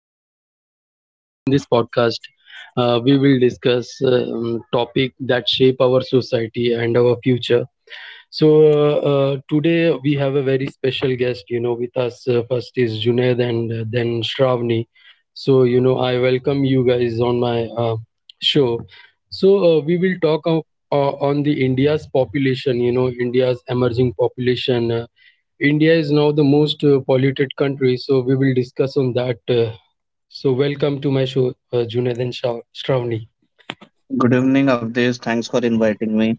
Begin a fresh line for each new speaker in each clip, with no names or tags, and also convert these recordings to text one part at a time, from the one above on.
I am Avdesh, and in this podcast we will discuss topic that shape our society and our future. So today we have a very special guest, with us. First is Junaid, and then Shravani. So, I welcome you guys on my show. So, we will talk on the India's population, India's emerging population. India is now the most polluted country, so we will discuss on that. So, welcome to my show, Junaid and Shravani.
Good evening, Avdesh. Thanks for inviting me,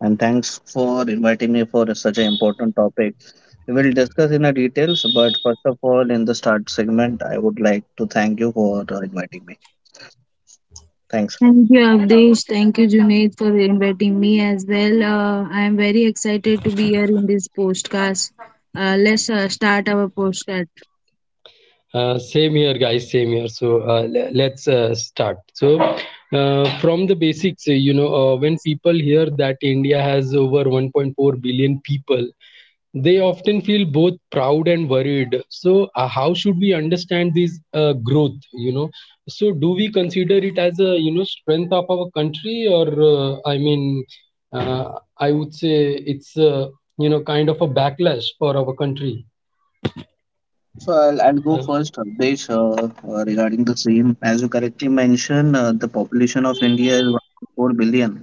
and thanks for inviting me for such an important topic. We will discuss in a details, but first of all, in the start segment, I would like to thank you for inviting me. Thanks.
Thank you, Avdesh. Thank you, Junaid, for inviting me as well. I am very excited to be here in this podcast. Let's start our podcast.
Same here, guys. Same here. So let's start. So from the basics, when people hear that India has over 1.4 billion people, they often feel both proud and worried. So how should we understand this growth? So do we consider it as a strength of our country, or I mean, uh, I would say it's kind of a backlash for our country.
So I'll go
Uh,
first, Avdesh, regarding the same. As you correctly mentioned, the population of India is 1.4 billion.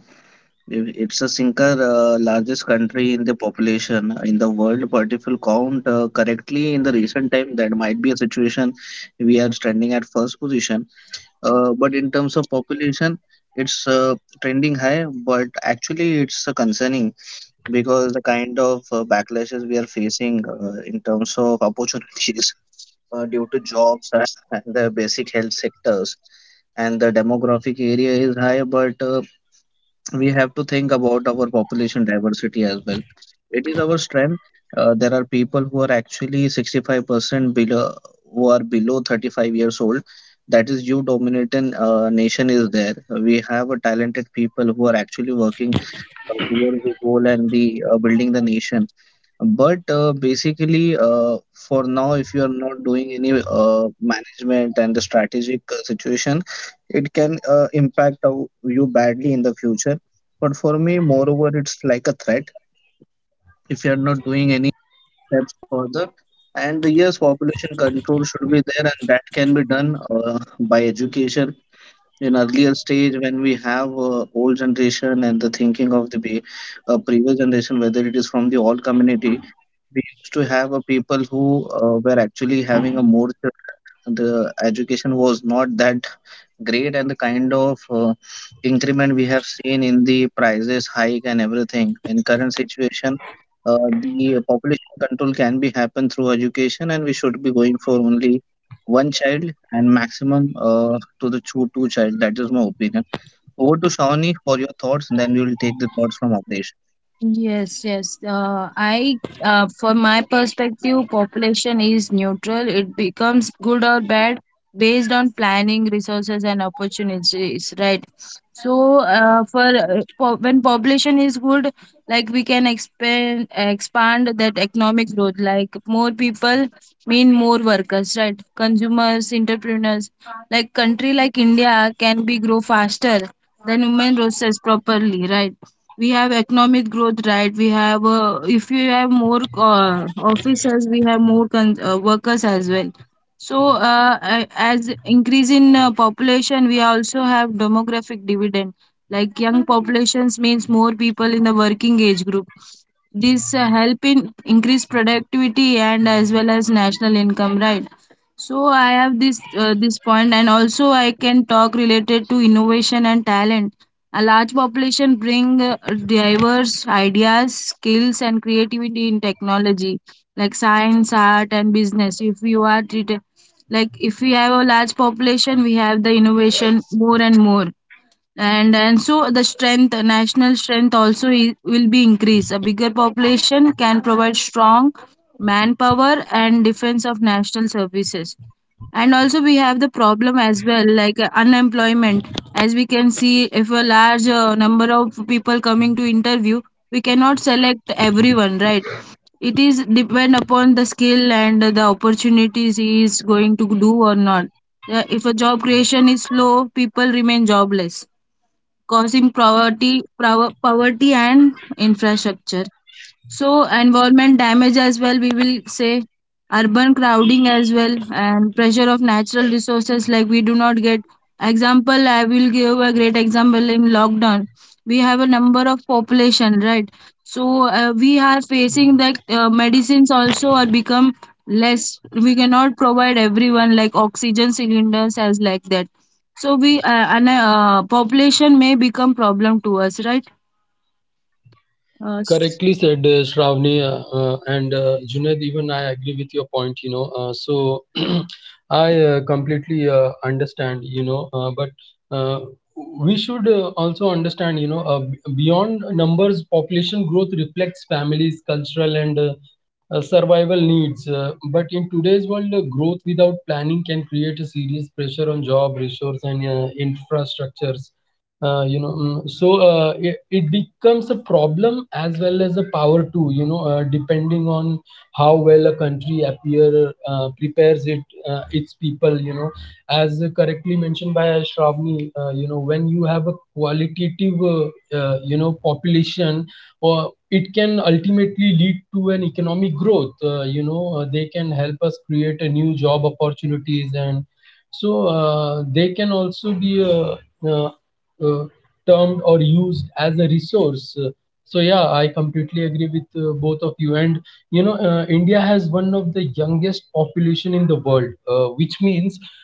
It's a single largest country in the population in the world, but if you count correctly in the recent time, that might be a situation we are standing at first position. But in terms of population, it's trending high, but actually it's concerning because the kind of backlashes we are facing in terms of opportunities due to jobs and the basic health sectors and the demographic area is high, but we have to think about our population diversity as well. It is our strength. There are people who are actually 65% below, who are below 35 years old. That is, you dominating nation is there. We have a talented people who are actually working towards the goal and the building the nation. But basically, for now, if you are not doing any management and the strategic situation, it can impact you badly in the future. But for me, moreover, it's like a threat if you are not doing any steps further. And yes, population control should be there, and that can be done by education in earlier stage when we have old generation and the thinking of the previous generation, whether it is from the old community. We used to have a people who were actually having a more childrens. The education was not that great, and the kind of increment we have seen in the prices hike and everything in current situation, the population control can be happen through education, and we should be going for only one child and maximum to the two child. That is my opinion. Over to Shawnee for your thoughts, and then we will take the thoughts from Avdesh.
Yes, yes. From my perspective, population is neutral. It becomes good or bad based on planning, resources, and opportunities. Right. So, when population is good, like we can expand that economic growth. Like more people mean more workers, right? Consumers, entrepreneurs. Like country like India can be grow faster than human resources properly, right? We have economic growth, right? We have If you have more officers, we have more workers as well. So, as increase in population, we also have demographic dividend. Like young populations means more people in the working age group. This help in increase productivity and as well as national income, right? So I have this point, and also I can talk related to innovation and talent. A large population bring diverse ideas, skills, and creativity in technology, like science, art, and business. If you are treated like if we have a large population, we have the innovation more and more, and so the strength national strength also will be increased. A bigger population can provide strong manpower and defense of national services. And also we have the problem as well, like unemployment. As we can see, if a large number of people coming to interview, we cannot select everyone, right? It is depend upon the skill and the opportunities he is going to do or not. If a job creation is slow, people remain jobless, causing poverty, poverty and infrastructure. So environment damage as well, we will say, urban crowding as well, and pressure of natural resources, like we do not get. Example, I will give a great example. In lockdown, we have a number of population, right? So we are facing that medicines also are become less. We cannot provide everyone like oxygen cylinders as like that. So we population may become problem to us, right? uh,
Correctly
s-
said, Shravani and Junaid. Even I agree with your point. You know, so I completely understand. You know, but uh, we should also understand, you know, beyond numbers, population growth reflects families, cultural and survival needs, but in today's world growth without planning can create a serious pressure on job, resource and infrastructures, so it becomes a problem as well as a power too, you know, depending on how well a country appear prepares it its people, you know, as correctly mentioned by Shravani. You know, when you have a qualitative, population, or it can ultimately lead to an economic growth. They can help us create a new job opportunities, and so they can also be uh, uh, termed or used as a resource. So yeah, I completely agree with both of you. And you know, India has one of the youngest population in the world, which means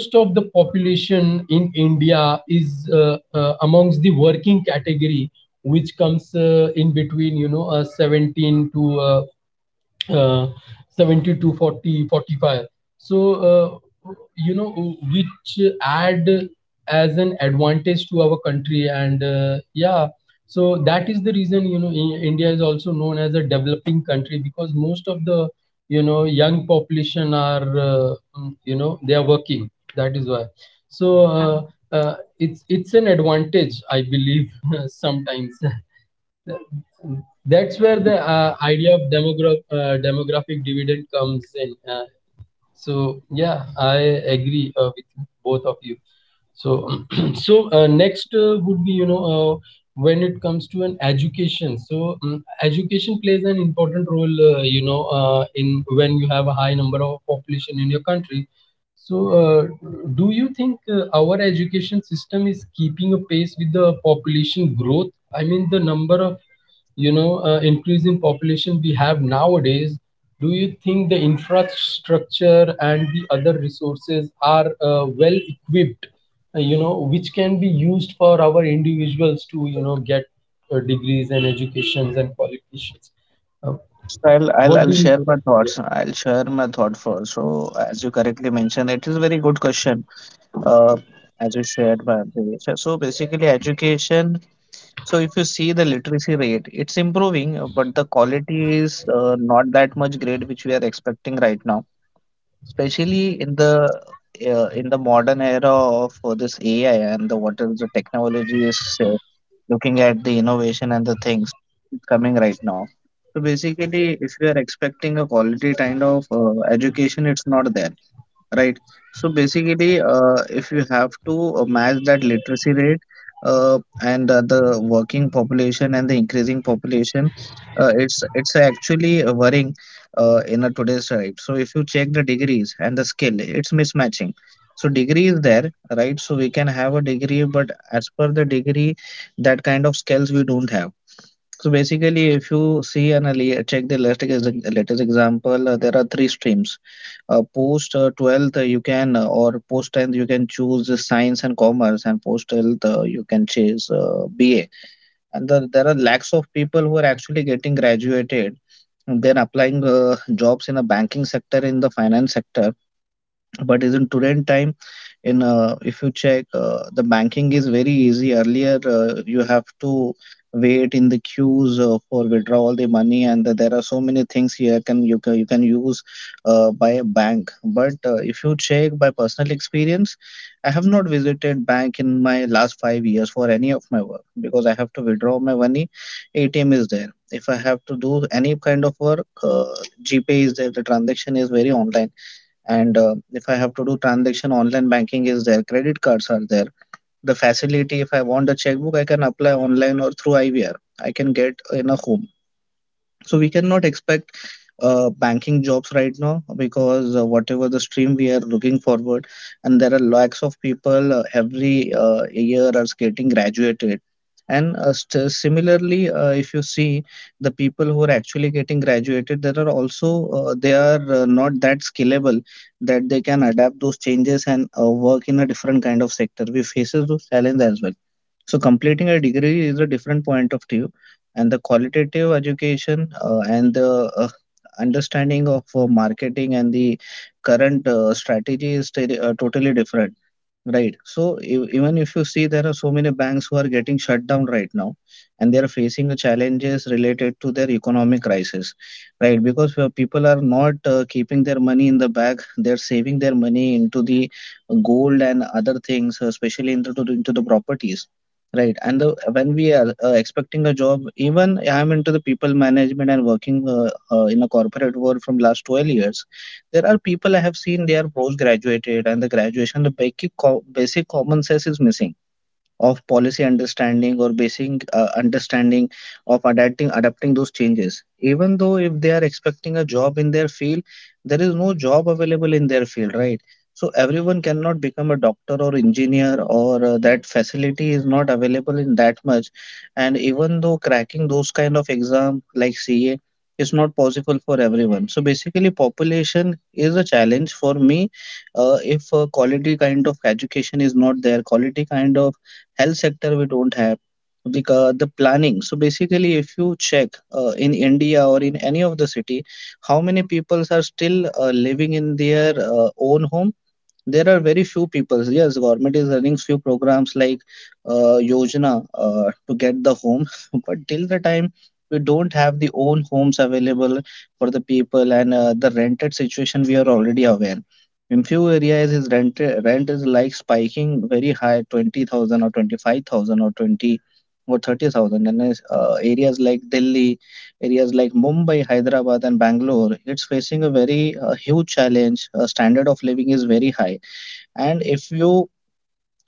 most of the population in India is amongst the working category, which comes in between, 17 to uh, 70 to 40, 45. So uh, you know which add as an advantage to our country, and yeah, so that is the reason, you know, India is also known as a developing country, because most of the, you know, young population are you know, they are working. That is why. So
yeah.
it's an advantage, I believe sometimes. That's where the idea of demographic dividend comes in. So yeah, I agree with both of you. So so next would be, you know, when it comes to an education. So education plays an important role, in when you have a high number of population in your country. So do you think our education system is keeping a pace with the population growth? I mean the number of, increase in population we have nowadays. Do you think the infrastructure and the other resources are well equipped, which can be used for our individuals to, you know, get degrees and educations and qualifications? uh,
So I'll
what
share
do you
my thoughts.
yeah,
I'll share my thought first. So as you correctly mentioned, it is a very good question. Uh, as you shared by Avdesh. So so basically, education. So if you see the literacy rate, it's improving, but the quality is not that much great, which we are expecting right now, especially in the modern era of this AI and the what is the technology is looking at the innovation and the things coming right now. So basically, if you are expecting a quality kind of education, it's not there. Right. So basically, if you have to match that literacy rate and the working population and the increasing population, it's actually worrying in a today's right. So if you check the degrees and the skill, it's mismatching. So degree is there, right? So we can have a degree, but as per the degree, that kind of skills we don't have. So basically, if you see and check the latest example, there are three streams post 12th you can or post 10th you can choose science and commerce, and post 12th you can choose ba, and the, there are lakhs of people who are actually getting graduated and then applying jobs in a banking sector, in the finance sector. But isn't today's time, in if you check the banking is very easy. Earlier you have to wait in the queues for withdraw all the money, and the, there are so many things here can you can, you can use by a bank. But if you check by personal experience, I have not visited bank in my last 5 years for any of my work, because I have to withdraw my money. ATM is there. If I have to do any kind of work, GPay is there. The transaction is very online, and if I have to do transaction online, banking is there, credit cards are there, the facility. If I want a checkbook, I can apply online or through IVR, I can get in a home. So we cannot expect banking jobs right now, because whatever the stream we are looking forward, and there are lakhs of people every year are getting graduated. And similarly, if you see the people who are actually getting graduated, there are also they are not that scalable that they can adapt those changes and work in a different kind of sector. We faces those challenges as well. So completing a degree is a different point of view, and the qualitative education and the uh, understanding of marketing and the current strategy is totally different. Right. So even if you see, there are so many banks who are getting shut down right now, and they are facing the challenges related to their economic crisis, right? Because where people are not keeping their money in the bag, they're saving their money into the gold and other things, especially into the properties. Right, and the, when we are expecting a job, even I am into the people management and working in a corporate world from last 12 years, there are people I have seen they are postgraduated, and the graduation the basic common sense is missing of policy understanding or basic understanding of adapting those changes, even though if they are expecting a job in their field, there is no job available in their field, right? So everyone cannot become a doctor or engineer or that facility is not available in that much. And even though cracking those kind of exam like CA is not possible for everyone, so basically population is a challenge for me if quality kind of education is not there, quality kind of health sector we don't have, because the planning. So basically, if you check in India or in any of the city, how many peoples are still living in their own home? There are very few people. Yes, government is running few programs like Yojana to get the home, but till the time we don't have the own homes available for the people. And the rented situation we are already aware. In few areas, is rent is like spiking very high, 20,000 or 25,000 or 20 or 30,000. And is, areas like Delhi, areas like Mumbai, Hyderabad, and Bangalore, it's facing a very huge challenge. Standard of living is very high. And if you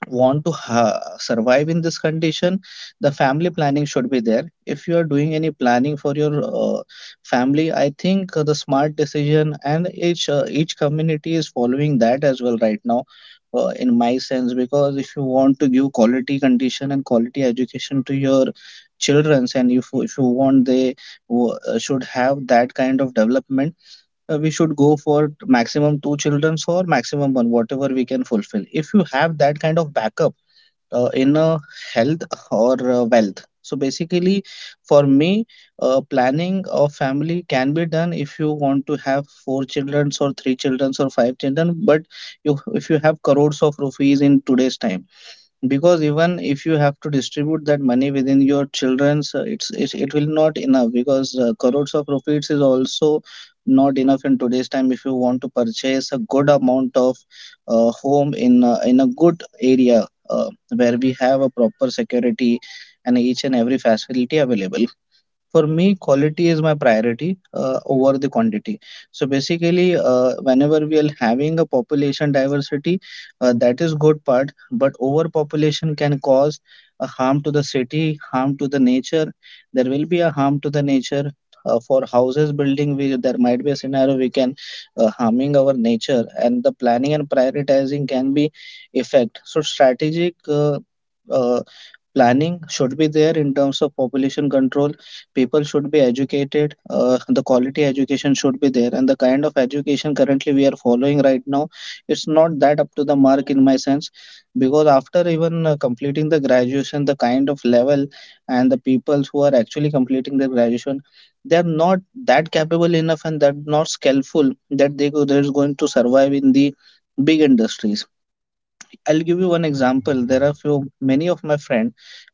want to survive in this condition, the family planning should be there. If you are doing any planning for your family, I think the smart decision, and each community is following that as well right now, in my sense. Because if you want to give quality condition and quality education to your childrens, and if you want they should have that kind of development, we should go for maximum two children or maximum one, whatever we can fulfill. If you have that kind of backup in health or wealth. So basically, for me, planning a family can be done if you want to have four children or three children or five children. But you, if you have crores of rupees in today's time, because even if you have to distribute that money within your children's it will not enough, because crores of profits is also not enough in today's time if you want to purchase a good amount of home in a good area where we have a proper security and each and every facility available. For me, quality is my priority over the quantity. So basically, whenever we are having a population diversity, that is good part. But overpopulation can cause a harm to the city, harm to the nature. There will be a harm to the nature. For houses building, we, there might be a scenario we can harming our nature, and the planning and prioritizing can be effect. So strategic. Uh, planning should be there in terms of population control. People should be educated. The quality education should be there, and the kind of education currently we are following right now, it's not that up to the mark in my sense. Because after even completing the graduation, the kind of level, and the people who are actually completing their graduation, they are not that capable enough and that not skillful that they're going to survive in the big industries. I'll give you one example. There are few many of my friends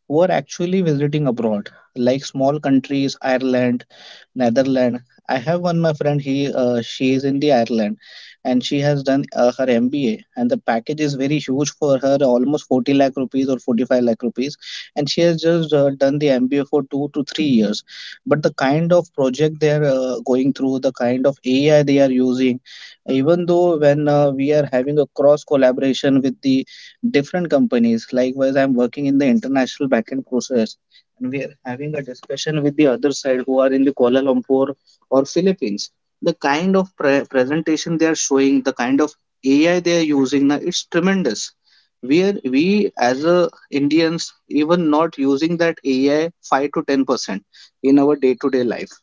who are actually visiting abroad, like small countries, Ireland, Netherlands. I have one my friend. He she is in the Ireland, and she has done her MBA. And the package is very huge for her, almost 40 lakh rupees or 45 lakh rupees. And she has just done the MBA for 2 to 3 years. But the kind of project they are going through, the kind of AI they are using, even though when we are having a cross collaboration with the different companies. Likewise, I'm working in the international backend process, and we are having a discussion with the other side who are in the Kuala Lumpur or Philippines. The kind of presentation they are showing, the kind of AI they are using, now it's tremendous. We as a Indians even not using that AI 5 to 10 percent in our day to day life.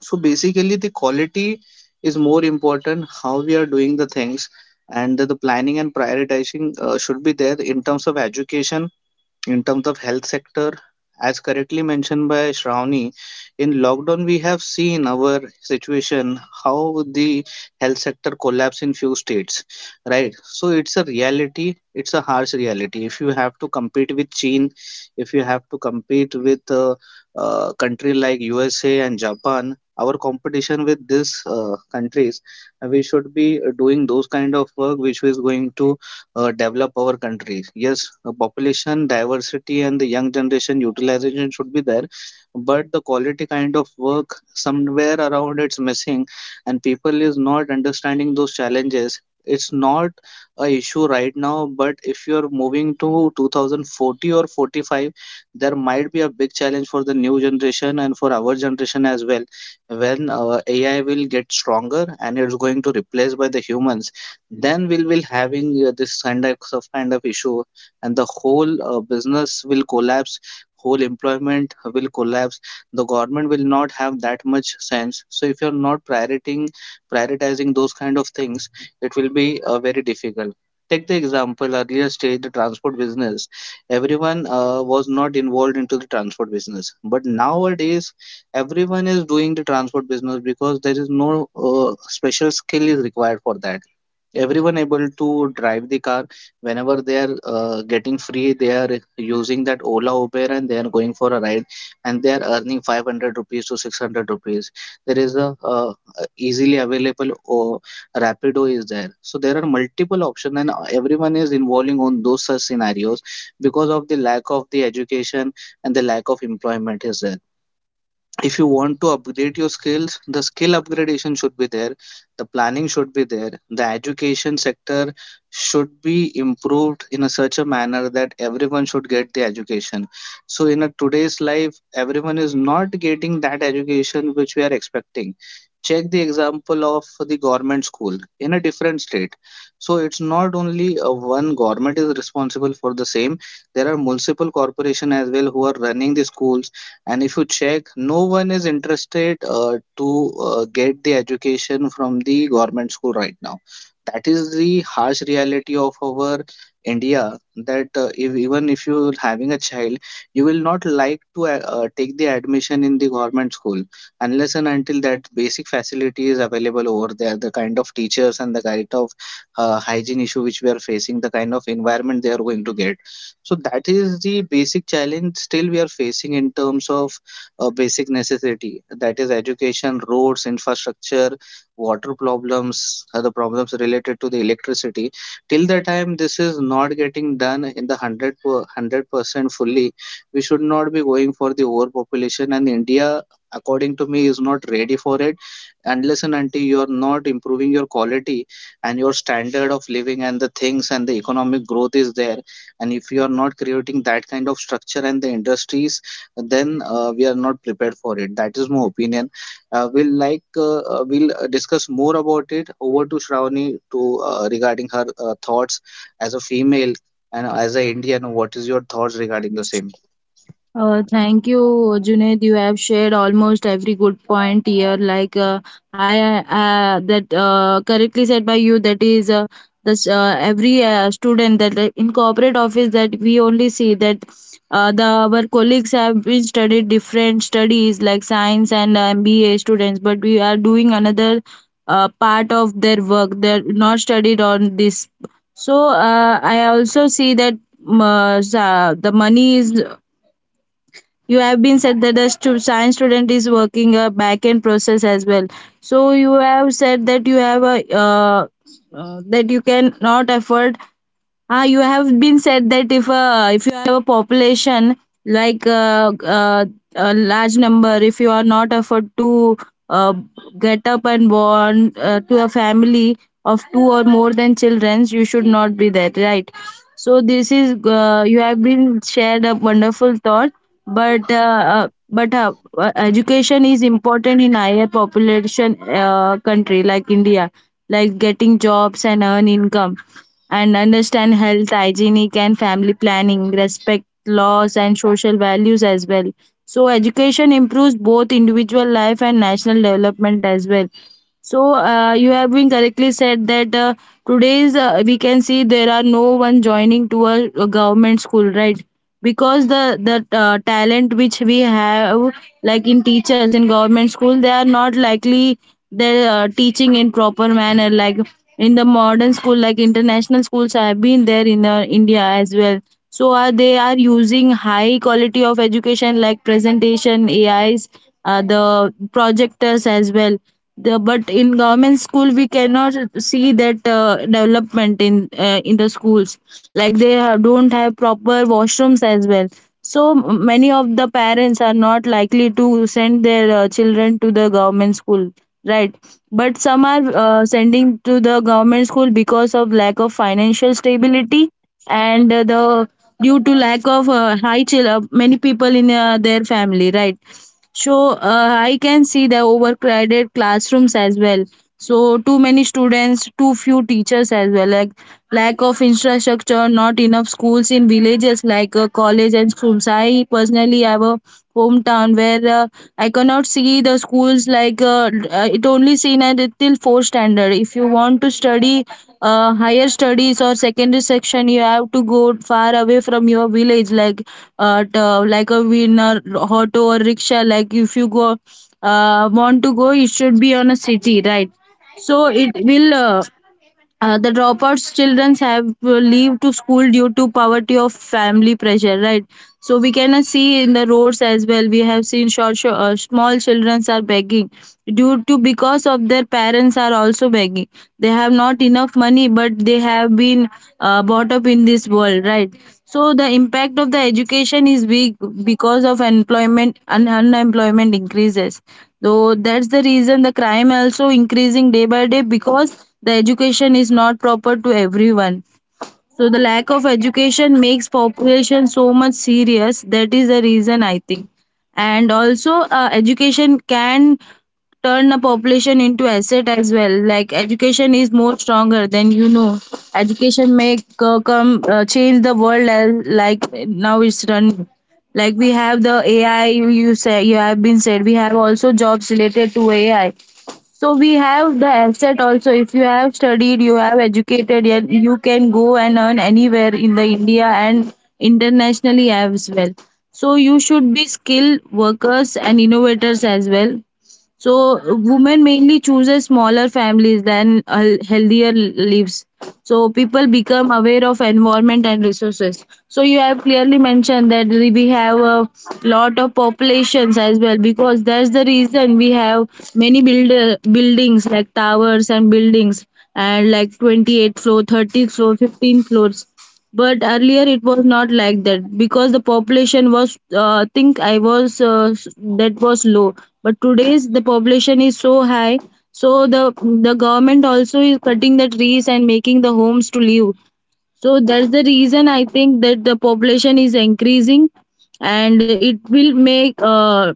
So basically, the quality is more important. How we are doing the things, and the planning and prioritizing should be there in terms of education, in terms of health sector, as correctly mentioned by Shravani. In lockdown we have seen our situation, how the health sector collapsed in few states, right? So it's a reality, it's a harsh reality. If you have to compete with China, if you have to compete with a, country like USA and Japan, our competition with these countries, we should be doing those kind of work which is going to develop our country. Yes, population diversity and the young generation utilization should be there, but the quality kind of work somewhere around it's missing, and people is not understanding those challenges. It's not a issue right now, but if you're moving to 2040 or 45, there might be a big challenge for the new generation and for our generation as well. When AI will get stronger and it's going to replace by the humans, then we will having this kind of issue, and the whole business will collapse, whole employment will collapse. The government will not have that much sense. So if you're not prioritizing those kind of things, it will be very difficult. Take the example, earlier stage, the transport business, everyone was not involved into the transport business, but nowadays everyone is doing the transport business, because there is no special skill is required for that. Everyone able to drive the car. Whenever they are getting free, they are using that Ola, Uber, and they are going for a ride, and they are earning 500 rupees to 600 rupees. There is a easily available, or Rapido is there. So there are multiple options, and everyone is involving on those such scenarios, because of the lack of the education and the lack of employment is there. If you want to upgrade your skills, the skill upgradation should be there, the planning should be there. The education sector should be improved in a such a manner that everyone should get the education. So in a today's life, everyone is not getting that education which we are expecting. Check the example of the government school in a different state. So it's not only one government is responsible for the same. There are multiple corporation as well who are running the schools. And if you check, no one is interested to get the education from the government school right now. That is the harsh reality of our India. That if, even if you're having a child, you will not like to take the admission in the government school, unless and until that basic facility is available over there, the kind of teachers, and the kind of hygiene issue which we are facing, the kind of environment they are going to get. So that is the basic challenge still we are facing in terms of basic necessity. That is education, roads, infrastructure, water problems, other problems related to the electricity. Till the time this is not getting done in the 100% fully, we should not be going for the overpopulation. And India, according to me, is not ready for it, unless and until you are not improving your quality and your standard of living and the things, and the economic growth is there. And if you are not creating that kind of structure and the industries, then we are not prepared for it. That is my opinion. We'll discuss more about it. Over to Shravani to regarding her thoughts as a female and as a Indian. What is your thoughts regarding the same?
Thank you, Junaid. You have shared almost every good point here. Like, I that correctly said by you. That is this every student that in corporate office that we only see that the our colleagues have been studied different studies like science and MBA students, but we are doing another part of their work. They're not studied on this. So I also see that. The money is, you have been said that the science student is working a back end process as well. So you have said that you have a that you can not afford. Ah, you have been said that if you have a population, like a large number, if you are not afford to uh, get up and born to a family of two or more than children, you should not be there, right? So this is you have been shared a wonderful thought, but education is important in higher population country like India, like getting jobs and earn income and understand health, hygienic and family planning, respect laws and social values as well. So education improves both individual life and national development as well. So you have been correctly said that today's we can see there are no one joining to a government school, right? Because the talent which we have, like in teachers in government school, they are not likely. They're teaching in proper manner, like in the modern school, like international schools have been there in India as well. So are they are using high quality of education, like presentation AI's, the projectors as well, but in government school we cannot see that development in the schools, like they don't have proper washrooms as well. So many of the parents are not likely to send their children to the government school, right? But some are sending to the government school because of lack of financial stability, and the due to lack of high chill, many people in their family, right? So I can see the overcrowded classrooms as well. So too many students, too few teachers as well. Like lack of infrastructure, not enough schools in villages, like college and schools. I personally have a hometown where I cannot see the schools, like it only seen at till fourth standard. If you want to study higher studies or secondary section, you have to go far away from your village, like a winner auto or rickshaw. Like if you go want to go, it should be on a city, right? So it will. The dropouts children have leave to school due to poverty of family pressure, right? So we can see in the roads as well. We have seen short, short, small children are begging due to because of their parents are also begging. They have not enough money, but they have been brought up in this world, right? So the impact of the education is big because of employment and unemployment increases, though that's the reason the crime also increasing day by day because the education is not proper to everyone. So the lack of education makes population so much serious, that is the reason I think. And also education can turn the population into asset as well, like education is more stronger than you know. Education make come change the world as, like now it's run. Like we have the AI, you say you have been said we have also jobs related to AI. So we have the asset also. If you have studied, you have educated yet, you can go and earn anywhere in the India and internationally as well. So you should be skilled workers and innovators as well. So women mainly chooses smaller families than healthier lives. So people become aware of environment and resources. So you have clearly mentioned that we have a lot of populations as well, because that's the reason we have many build buildings like towers and buildings, and like 28 floor, 30 floor, 15 floors, but earlier it was not like that because the population was think that was low. But today's the population is so high. So the government also is cutting the trees and making the homes to live. So that's the reason I think that the population is increasing, and it will make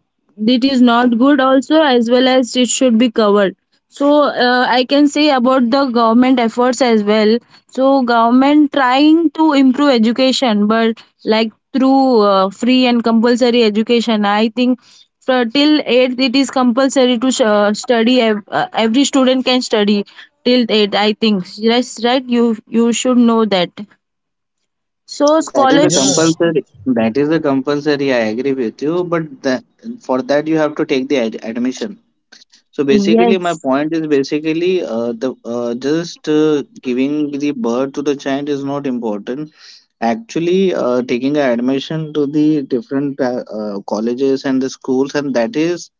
it is not good also as well as it should be covered. So I can say about the government efforts as well. So government trying to improve education, but like through free and compulsory education, I think for till eighth it is compulsory to study. Every student can study till eighth. I think yes, right? You should know that. So
That is the
yeah?
scholars.
compulsory. That is the compulsory. I agree with you, but the, for that you have to take the admission. So basically, my
Yes,
point is basically the just giving the birth to the child is not important. Actually, taking admission to the different colleges and the schools, and that is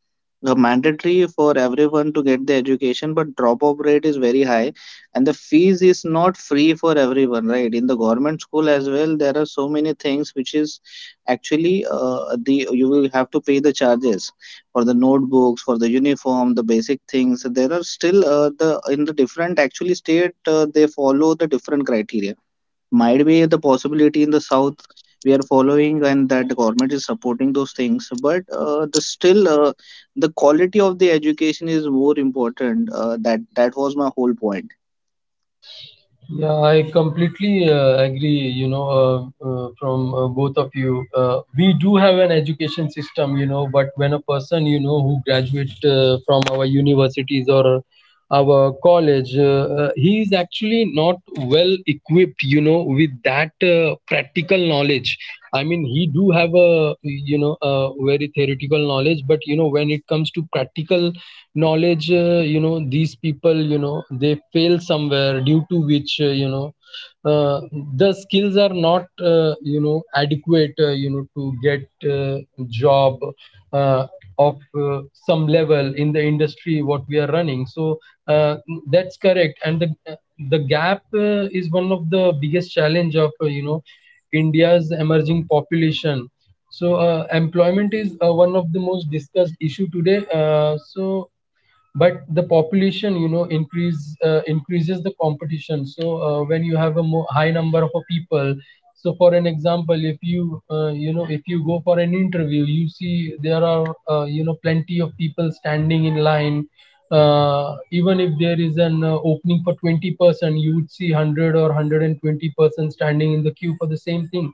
the mandatory for everyone to get the education. But dropout rate is very high, and the fees is not free for everyone, right? In the government school as well, there are so many things which is actually the you will have to pay the charges for the notebooks, for the uniform, the basic things. There are still the in the different actually state, they follow the different criteria. Might be the possibility in the south we are following, and that the government is supporting those things. But the quality of the education is more important. That was my whole point.
Yeah, I completely agree, you know, from both of you. We do have an education system, you know, but when a person, you know, who graduate from our universities or our college, he is actually not well equipped, you know, with that practical knowledge. I mean he do have a, you know, a very theoretical knowledge, but, you know, when it comes to practical knowledge, you know, these people, you know, they fail somewhere, due to which, you know, uh, the skills are not, you know, adequate you know to get job uh, of some level in the industry what we are running. So uh, that's correct, and the gap is one of the biggest challenge of, you know, india's emerging population. So employment is one of the most discussed issue today. So but the population, you know, increase increases the competition. So when you have a high number of a people, so for an example, if you you know, if you go for an interview, you see there are, you know, plenty of people standing in line. Even if there is an opening for 20%, you would see 100 or 120% standing in the queue for the same thing.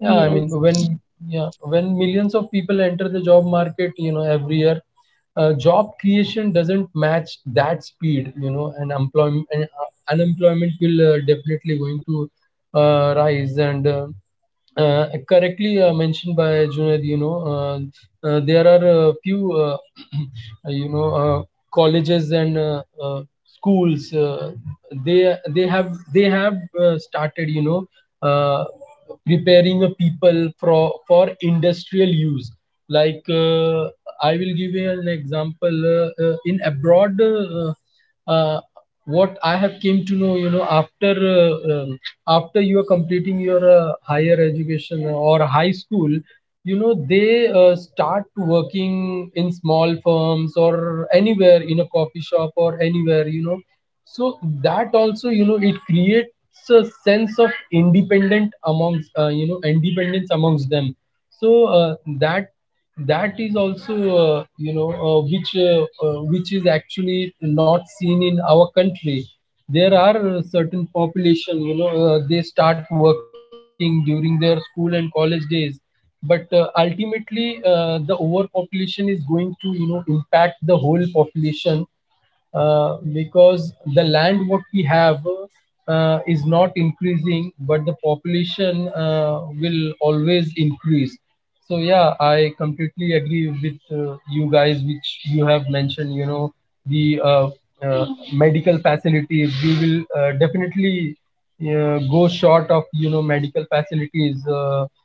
yeah i mean
yes,
when yeah, when millions of people enter the job market, you know, every year, job creation doesn't match that speed, you know, and employment and, unemployment will definitely going to rise. And correctly mentioned by Junaid, you know, there are a few, you know, colleges and schools. They have they have started, you know, uh, preparing a people for industrial use like. I will give you an example. In abroad, uh, what I have came to know, you know, after after you are completing your higher education or high school, you know, they start working in small firms or anywhere in a coffee shop or anywhere, you know. So that also, you know, it creates a sense of independent amongst, you know, independence amongst them. So uh, that that is also, you know, which is actually not seen in our country. There are certain population, you know, they start working during their school and college days, but ultimately the overpopulation is going to, you know, impact the whole population, because the land what we have is not increasing, but the population will always increase. So yeah, I completely agree with you guys, which you have mentioned. You know, the uh, medical facilities. We will definitely go short of, you know, medical facilities. uh,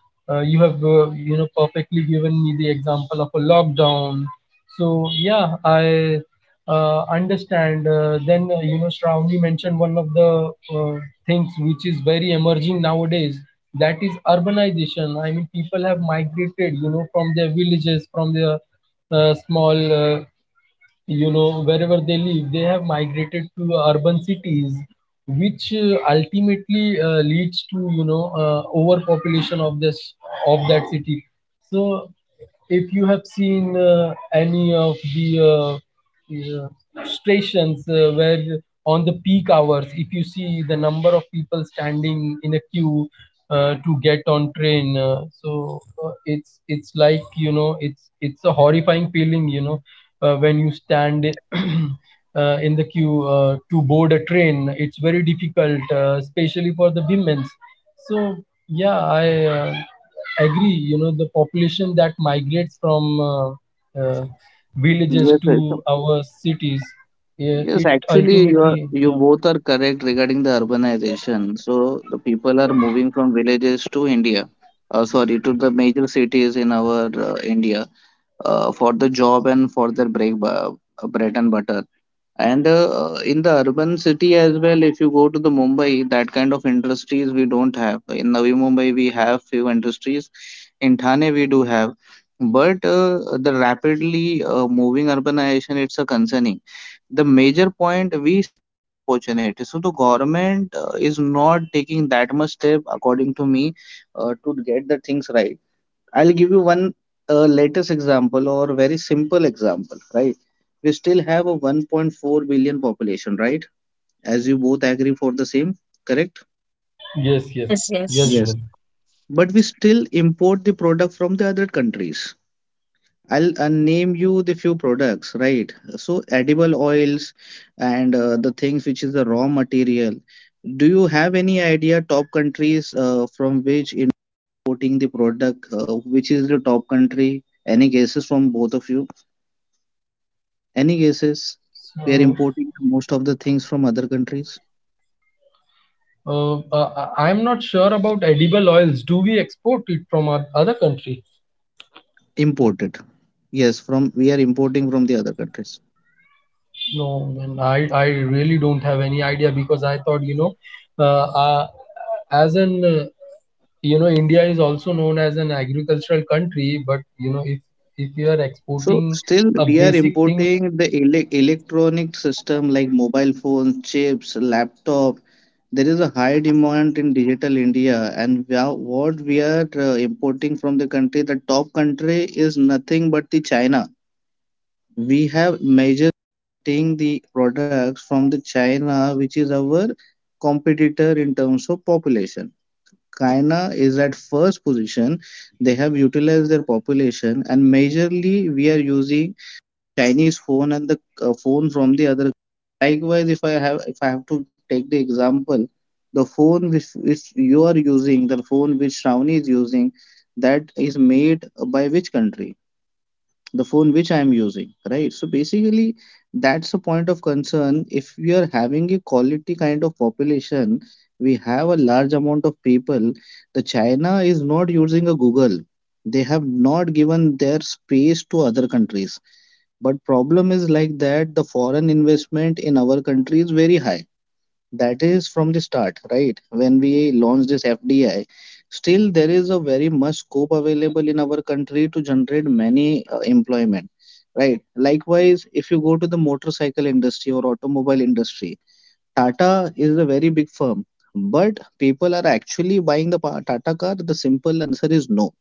uh, You have you know, perfectly given me the example of a lockdown. So yeah, I understand. Then you know, Shravani mentioned one of the things which is very emerging nowadays. That is urbanization. I mean people have migrated, you know, from their villages, from their small, you know, wherever they live, they have migrated to urban cities, which ultimately leads to, you know, overpopulation of this of that city. So if you have seen any of the, yeah, stations where on the peak hours, if you see the number of people standing in a queue to get on train, it's like, you know, it's a horrifying feeling, you know, when you stand in the queue to board a train. It's very difficult, especially for the women's. So yeah, I agree. You know, the population that migrates from uh,
yes
villages
yes so-
to our cities, yeah,
Yes,
it
actually you are,
ultimately
you
yeah.
both are correct regarding the urbanization. So the people are moving from villages to India, sorry, to the major cities in our India, for the job and for their bread and butter. And in the urban city as well, if you go to the Mumbai, that kind of industries we don't have. In Navi Mumbai, we have few industries. In Thane, we do have. But the rapidly moving urbanization, it's a concerning. The major point we see opportunity. So the government is not taking that much step, according to me, to get the things right. I'll give you one latest example or very simple example, right? We still have a 1.4 billion population, right? As you both agree for the same, correct?
Yes, yes.
yes, yes.
Yes,
Yes.
Junaid.
But we still import the product from the other countries. I'll name you the few products, right? So edible oils and the things which is the raw material. Do you have any idea top countries from which importing the product, which is the top country? Any guesses from both of you? Any guesses? We are importing
So
most of the things from other countries.
I'm not sure about edible oils. Do we export it from other country?
Imported. Yes, from we are importing from the other countries.
No, man, I really don't have any idea, because I thought, you know, uh, uh, as an, you know, India is also known as an agricultural country. But, you know, if you are
So
exporting
still we
a
are
basic thing,
importing the electronic system, like mobile phones, chips, laptop. There is a high demand in digital India, and we are, what we are importing from the country, the top country is nothing but the China. We have measures the products from the China, which is our competitor in terms of population. China is at first position. They have utilized their population, and majorly we are using Chinese phone and the phone from the other. Likewise, if I have to take the example, which you are using, the phone which Shravani is using, that is made by which country? The phone which I am using, right? So basically, that's a point of concern. If we are having a quality kind of population, we have a large amount of people. The China is not using a Google. They have not given their space to other countries. But problem is like that, the foreign investment in our country is very high. That is from the start, right? When we launch this FDI, still there is a very much scope available in our country to generate many employment, right? Likewise, if you go to the motorcycle industry or automobile industry, Tata is a very big firm, but people are actually buying the Tata car? The simple answer is no.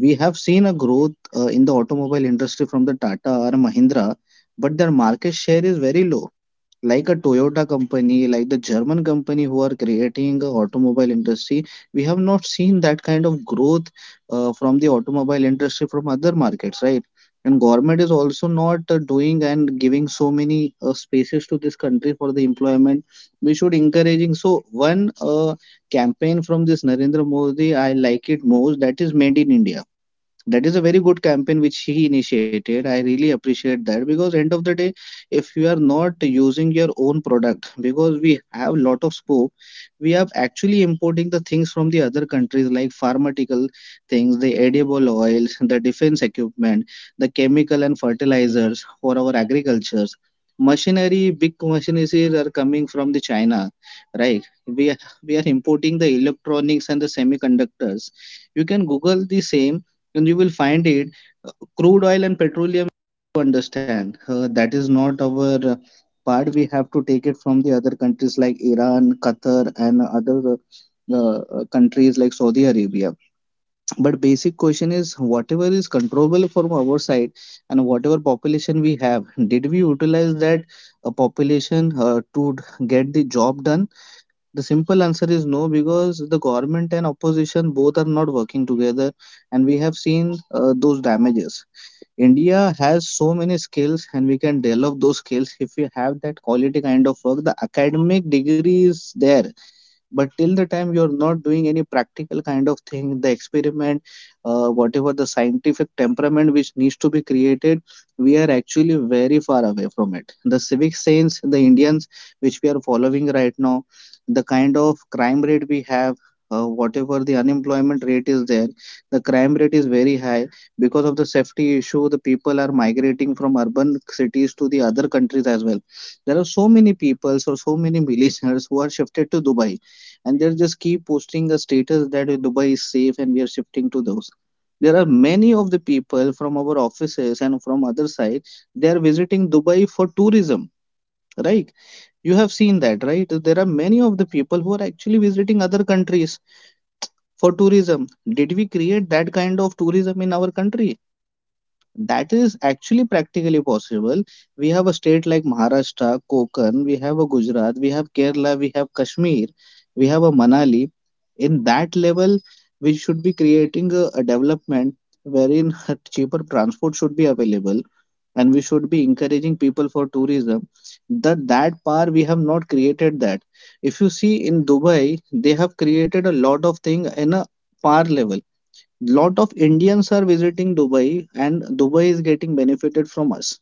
We have seen a growth in the automobile industry from the Tata or Mahindra, but their market share is very low like a Toyota company, like the German company who are creating a automobile industry. We have not seen that kind of growth from the automobile industry from other markets, right? And government is also not doing and giving so many spaces to this country for the employment. We should encouraging. So one campaign from this Narendra Modi, I like it most. That is made in India. That is a very good campaign which he initiated. I really appreciate that, because end of the day, if you are not using your own product, because we have lot of scope. We are actually importing the things from the other countries, like pharmaceutical things, the edible oils, the defense equipment, the chemical and fertilizers for our agricultures, machinery, big machineries are coming from the China, right? We are importing the electronics and the semiconductors. You can Google the same and you will find it. uh, Crude oil and petroleum, to understand, that is not our part. We have to take it from the other countries like Iran, Qatar, and other countries like Saudi Arabia. But basic question is, whatever is controllable from our side, and whatever population we have, did we utilize that population to get the job done? Simple answer is no, because the government and opposition both are not working together, and we have seen those damages. India has so many skills, and we can develop those skills if we have that quality kind of work. The academic degree is there, but till the time you're not doing any practical kind of thing, the experiment, whatever the scientific temperament which needs to be created, we are actually very far away from it. The civic sense, the Indians, which we are following right now, the kind of crime rate we have, whatever the unemployment rate is there, the crime rate is very high. Because of the safety issue, the people are migrating from urban cities to the other countries as well. There are so many people, so so many millionaires who are shifted to Dubai, and they'll just keep posting a status that Dubai is safe and we are shifting to those. There are many of the people from our offices and from other side, they are visiting Dubai for tourism, right? You have seen that, right? There are many of the people who are actually visiting other countries for tourism. Did we create that kind of tourism in our country? That is actually practically possible. We have a state like Maharashtra, Konkan, we have a Gujarat, we have Kerala, we have Kashmir, we have a Manali. In that level, we should be creating a development wherein cheaper transport should be available, and we should be encouraging people for tourism. That par we have not created that. If you see in Dubai, they have created a lot of thing in a par level. Lot of Indians are visiting Dubai, and Dubai is getting benefited from us.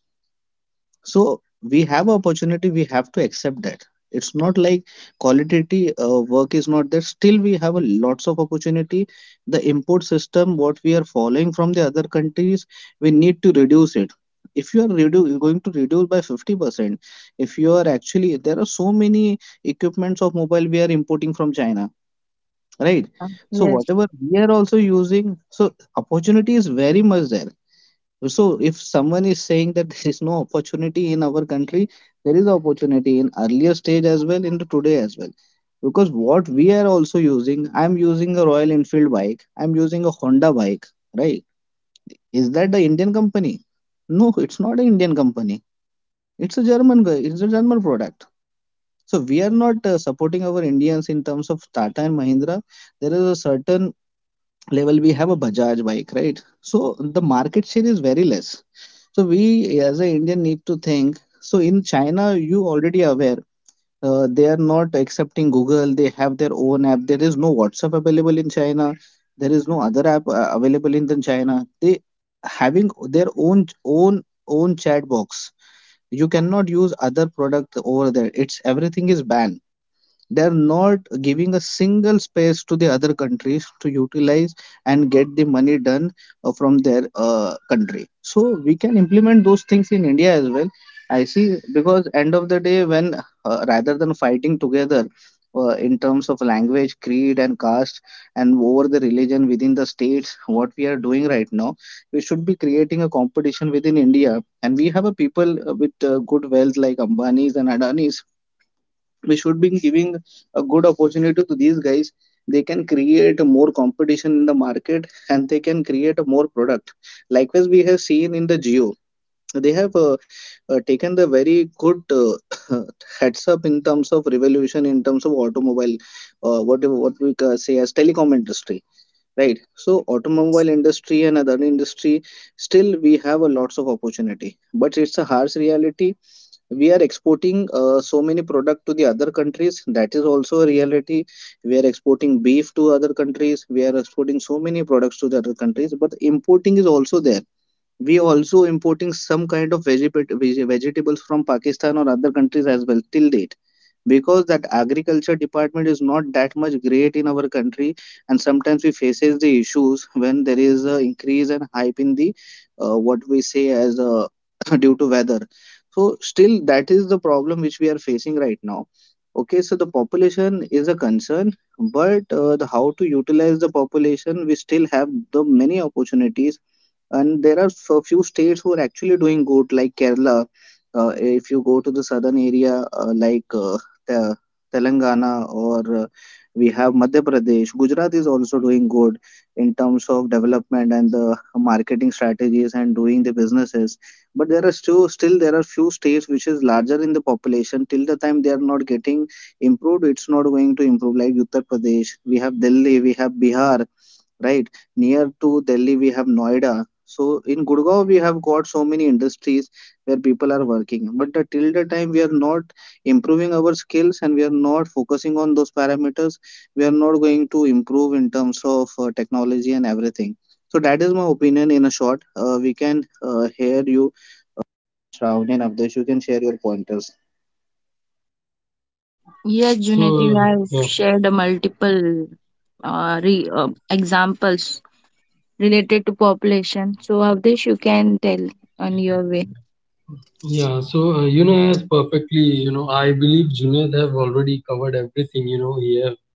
So we have opportunity, we have to accept that. It's not like quality work is not there. Still, we have a lots of opportunity. The import system, what we are following from the other countries, we need to reduce it. If you are going to reduce by 50%, if you are actually, there are so many equipments of mobile we are importing from China, right?
Yeah.
So
Yes,
whatever we are also using, so opportunity is very much there. So if someone is saying that there is no opportunity in our country, there is opportunity in earlier stage as well, in the today as well. Because what we are also using, I'm using a Royal Enfield bike, I'm using a Honda bike, right? Is that the Indian company? No, it's not an Indian company. It's a German guy, it's a German product. So we are not supporting our Indians in terms of Tata and Mahindra. There is a certain level. We have a Bajaj bike, right? So the market share is very less. So we as an Indian need to think. So in China, you already aware, they are not accepting Google. They have their own app. There is no WhatsApp available in China. There is no other app available in the China. They having their own chat box. You cannot use other product over there. It's everything is banned. They're not giving a single space to the other countries to utilize and get the money done from their country. So we can implement those things in India as well. I see, because end of the day, when rather than fighting together in terms of language, creed, and caste, and over the religion within the states, what we are doing right now, we should be creating a competition within India. And we have a people with good wealth like Ambanis and Adanis. We should be giving a good opportunity to these guys. They can create more competition in the market, and they can create a more product. Likewise, we have seen in the Geo, they have taken the very good heads up in terms of revolution, in terms of automobile, what we say as telecom industry, right? So
yes,
automobile industry and other industry, still we have a lots of opportunity. But it's a harsh reality, we are exporting so many products to the other countries. That is also a reality. We are exporting beef to other countries, we are exporting so many products to the other countries, but importing is also there. We also importing some kind of vegetables from Pakistan or other countries as well till date, because that agriculture department is not that much great in our country. And sometimes we faces the issues when there is a increase and hype in the what we say as due to weather. So still that is the problem which we are facing right now. Okay, so the population is a concern, but the how to utilize the population, we still have the many opportunities. And there are so few states who are actually doing good, like Kerala. If you go to the southern area, like the Telangana, or we have Madhya Pradesh. Gujarat is also doing good in terms of development and the marketing strategies and doing the businesses. But there are still there are few states which is larger in the population. Till the time they are not getting improved, it's not going to improve, like Uttar Pradesh. We have Delhi, we have Bihar, right? Near to Delhi, we have Noida. So in Gurgaon, we have got so many industries where people are working. But till the time we are not improving our skills and we are not focusing on those parameters, we are not going to improve in terms of technology and everything. So that is my opinion. In a short, we can hear you, Shravani, and Avdesh, you can share your pointers.
yes. Junaid, you
so
have
uh,
shared a multiple examples related to population. So of this, you can tell on your way.
yeah, so you know, as perfectly, you know, I believe Junaid have already covered everything. You know, he have,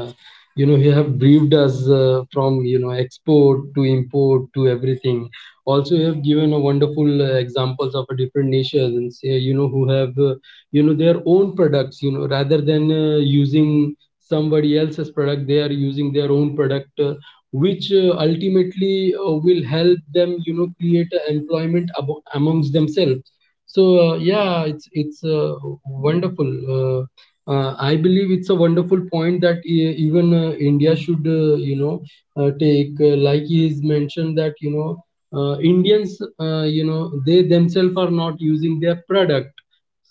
uh, you know, he have briefed us from, you know, export to import to everything. Also, you have given a wonderful examples of a different nations, and say, you know, who have, you know, their own products. You know, rather than using somebody else's product, they are using their own product. Which ultimately will help them, you know, create a employment amongst themselves. So yeah, it's wonderful. I believe it's a wonderful point that even India should, you know, take, like he is mentioned, that, you know, Indians, you know, they themselves are not using their product.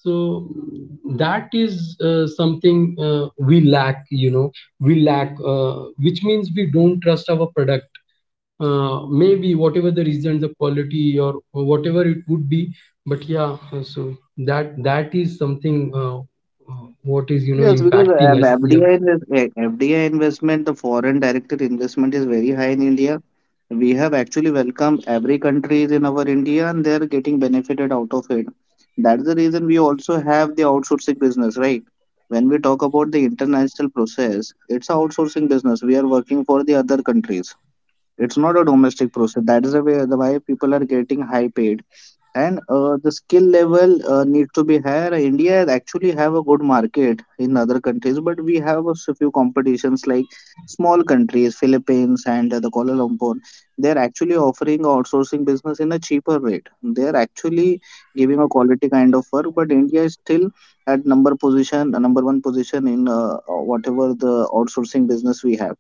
So that is something we lack, you know. We lack, which means we don't trust our product. Maybe whatever the reason, the quality or whatever it would be, but yeah, so that is something, what is, you
Yes,
know,
because
impacting us,
FDI,
yeah.
invest, eh, FDI investment, the foreign direct investment is very high in India. We have actually welcomed every country in our India, and they are getting benefited out of it. That's the reason we also have the outsourcing business, right? When we talk about the international process, it's a outsourcing business. We are working for the other countries. It's not a domestic process. That is the way the why people are getting high paid, and the skill level need to be higher. India actually have a good market in other countries, but we have a few competitions like small countries, Philippines, and the Kuala Lumpur. They are actually offering outsourcing business in a cheaper rate. They are actually giving a quality kind of work, but India is still at number position, number one position in whatever the outsourcing business we have.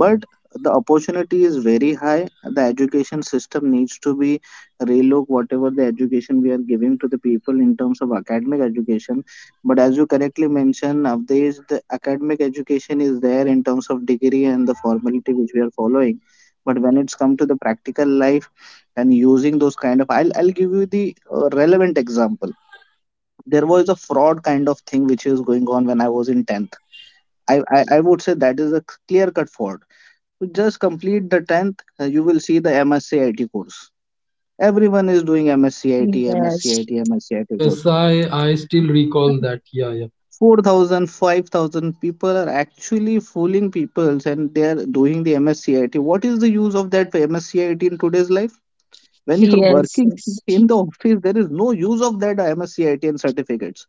But the opportunity is very high. The education system needs to be relook. Whatever the education we are giving to the people in terms of academic education, but as you correctly mentioned, nowadays the academic education is there in terms of degree and the formality which we are following. But when it's come to the practical life and using those kind of, I'll give you the relevant example. There was a fraud kind of thing which was going on when I was in 10th. I would say that is a clear cut fraud. You just complete the 10th, you will see the MSc IT course. Everyone is doing MSCIT,
Yes,
MSCIT, MSCIT course.
Yes, I still recall that, yeah, yeah.
4,000, 5,000 people are actually fooling people, and they are doing the MSCIT. What is the use of that MSCIT in today's life? When you are
yes,
working
yes.
in the office, there is no use of that MSCIT and certificates.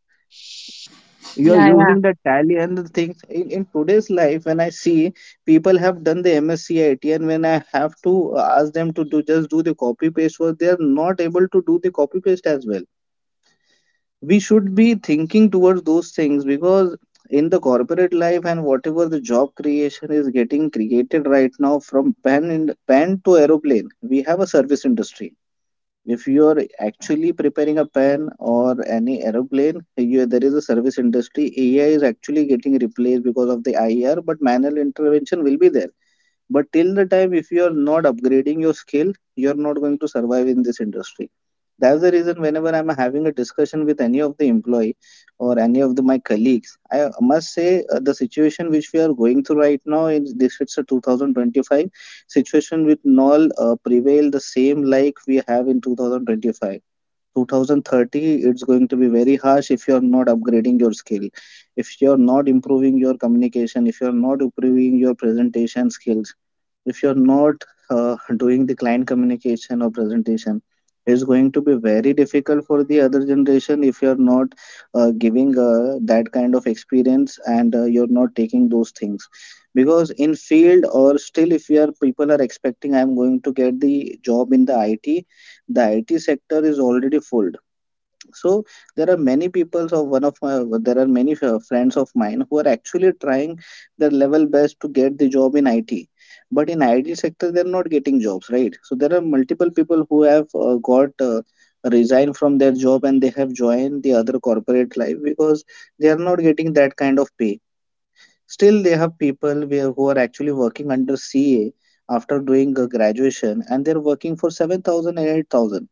You are
Yeah, yeah.
using the tally and the things. In today's life, when I see people have done the MSCIT and when I have to ask them to do just do the copy paste work, they are not able to do the copy paste as well. We should be thinking towards those things because in the corporate life and whatever the job creation is getting created right now, from pen in pen to aeroplane, we have a service industry. If you are actually preparing a pen or any aeroplane, you, there is a service industry. AI is actually getting replaced because of the IR, but manual intervention will be there. But till the time, if you are not upgrading your skill, you're not going to survive in this industry. That's the reason whenever I'm having a discussion with any of the employee or any of the, my colleagues, I must say the situation which we are going through right now is this, it's a 2025 situation with null prevail the same like we have in 2025. 2030, it's going to be very harsh if you are not upgrading your skill, if you are not improving your communication, if you are not improving your presentation skills, if you're not doing the client communication or presentation, it's going to be very difficult for the other generation if you're not giving that kind of experience and you're not taking those things. Because in field or still, if you are people are expecting, I'm going to get the job in the IT, the IT sector is already full. So there are many people of one of my, there are many friends of mine who are actually trying their level best to get the job in IT, but in IT sector they're not getting jobs, right? So there are multiple people who have got resigned from their job and they have joined the other corporate life because they are not getting that kind of pay. Still they have people where, who are actually working under CA after doing a graduation and they're working for seven thousand and eight thousand.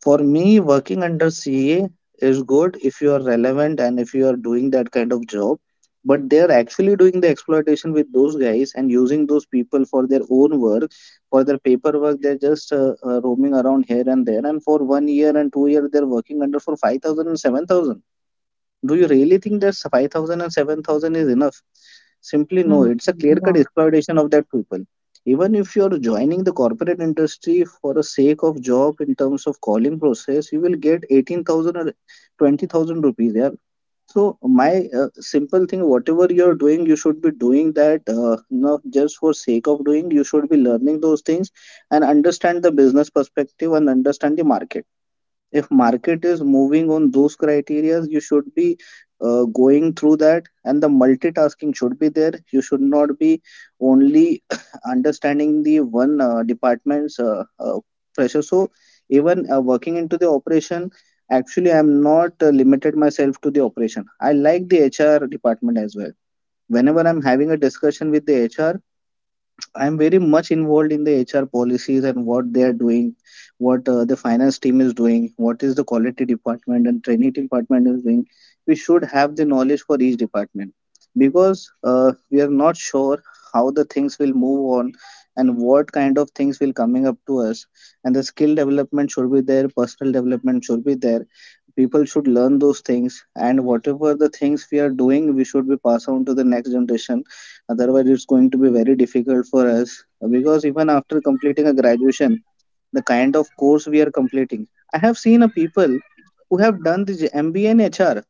For me, working under CA is good if you are relevant and if you are doing that kind of job. But they are actually doing the exploitation with those guys and using those people for their own work, for their paperwork. They're just roaming around here and there. And for 1 year and 2 year, they're working under for five thousand and seven thousand. Do you really think that five thousand and seven thousand is enough? Simply no,
Mm,
it's a clear-cut
no.
exploitation of that people. Even if you're joining the corporate industry for the sake of job in terms of calling process, you will get 18,000 or 20,000 rupees there. So my simple thing, whatever you're doing, you should be doing that not just for sake of doing. You should be learning those things and understand the business perspective and understand the market. If market is moving on those criterias, you should be going through that, and the multitasking should be there. You should not be only understanding the one department's pressure. So even working into the operation, actually I'm not limited myself to the operation. I like the HR department as well. Whenever I'm having a discussion with the HR, I'm very much involved in the HR policies and what they are doing, what the finance team is doing, what is the quality department and training department is doing. We should have the knowledge for each department because we are not sure how the things will move on and what kind of things will coming up to us. And the skill development should be there, personal development should be there. People should learn those things, and whatever the things we are doing, we should be pass on to the next generation. Otherwise, it's going to be very difficult for us because even after completing a graduation, the kind of course we are completing, I have seen a people who have done this MBA in HR.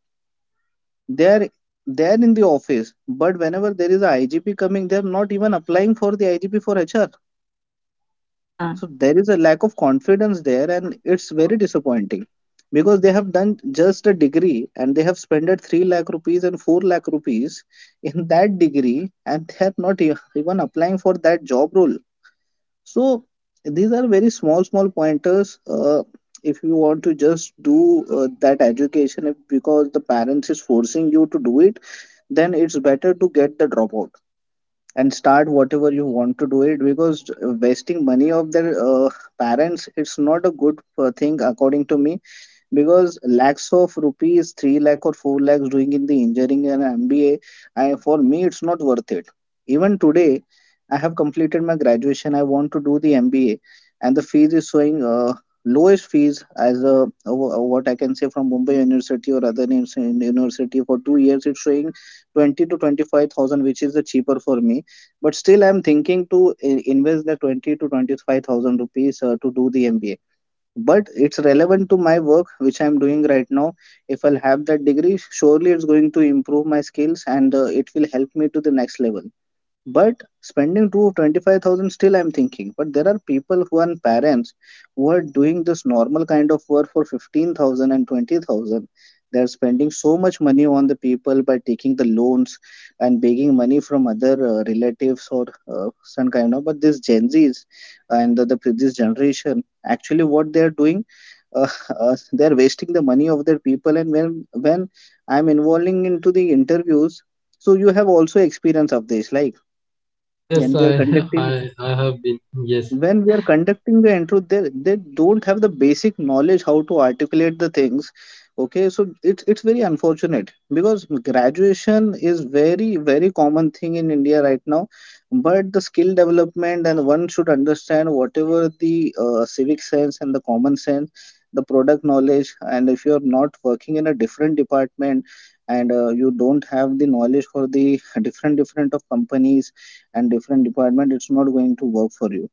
They are, they are in the office, but whenever there is a IGP coming, they are not even applying for the IGP for HR.
Mm, yeah.
So there is a lack of confidence there, and it's very disappointing because they have done just a degree and they have spent 3 lakh rupees and 4 lakh rupees in that degree, and they are not even applying for that job role. So these are very small pointers. If you want to just do that education, if because the parents is forcing you to do it, then it's better to get the dropout and start whatever you want to do it, because wasting money of their parents, it's not a good thing according to me. Because lakhs of rupees, 3 lakh or 4 lakhs, doing in the engineering and MBA, I, for me it's not worth it. Even today, I have completed my graduation, I want to do the MBA, and the fees is showing lowest fees as a, what I can say, from Mumbai University or other names university for 2 years, it's showing 20 to 25,000, which is the cheaper for me, but still I'm thinking to invest the 20 to 25,000 rupees to do the MBA. But it's relevant to my work which I'm doing right now. If I'll have that degree, surely it's going to improve my skills and it will help me to the next level. But spending 2 25,000, still I'm thinking. But there are people who are parents who are doing this normal kind of work for fifteen thousand and twenty thousand. They are spending so much money on the people by taking the loans and begging money from other relatives or some kind of. But this Gen Zs and the this generation actually what they are doing, they are wasting the money of their people. And when I'm involving into the interviews, so you have also experience of this, like when
Yes,
we are
I
conducting,
I have been. Yes.
when we are conducting the intro, they don't have the basic knowledge how to articulate the things. Okay, so it's very unfortunate because graduation is very very common thing in India right now. But the skill development, and one should understand whatever the civic sense and the common sense, the product knowledge, and if you are not working in a different department and you don't have the knowledge for the different different of companies and different department, it's not going to work for you.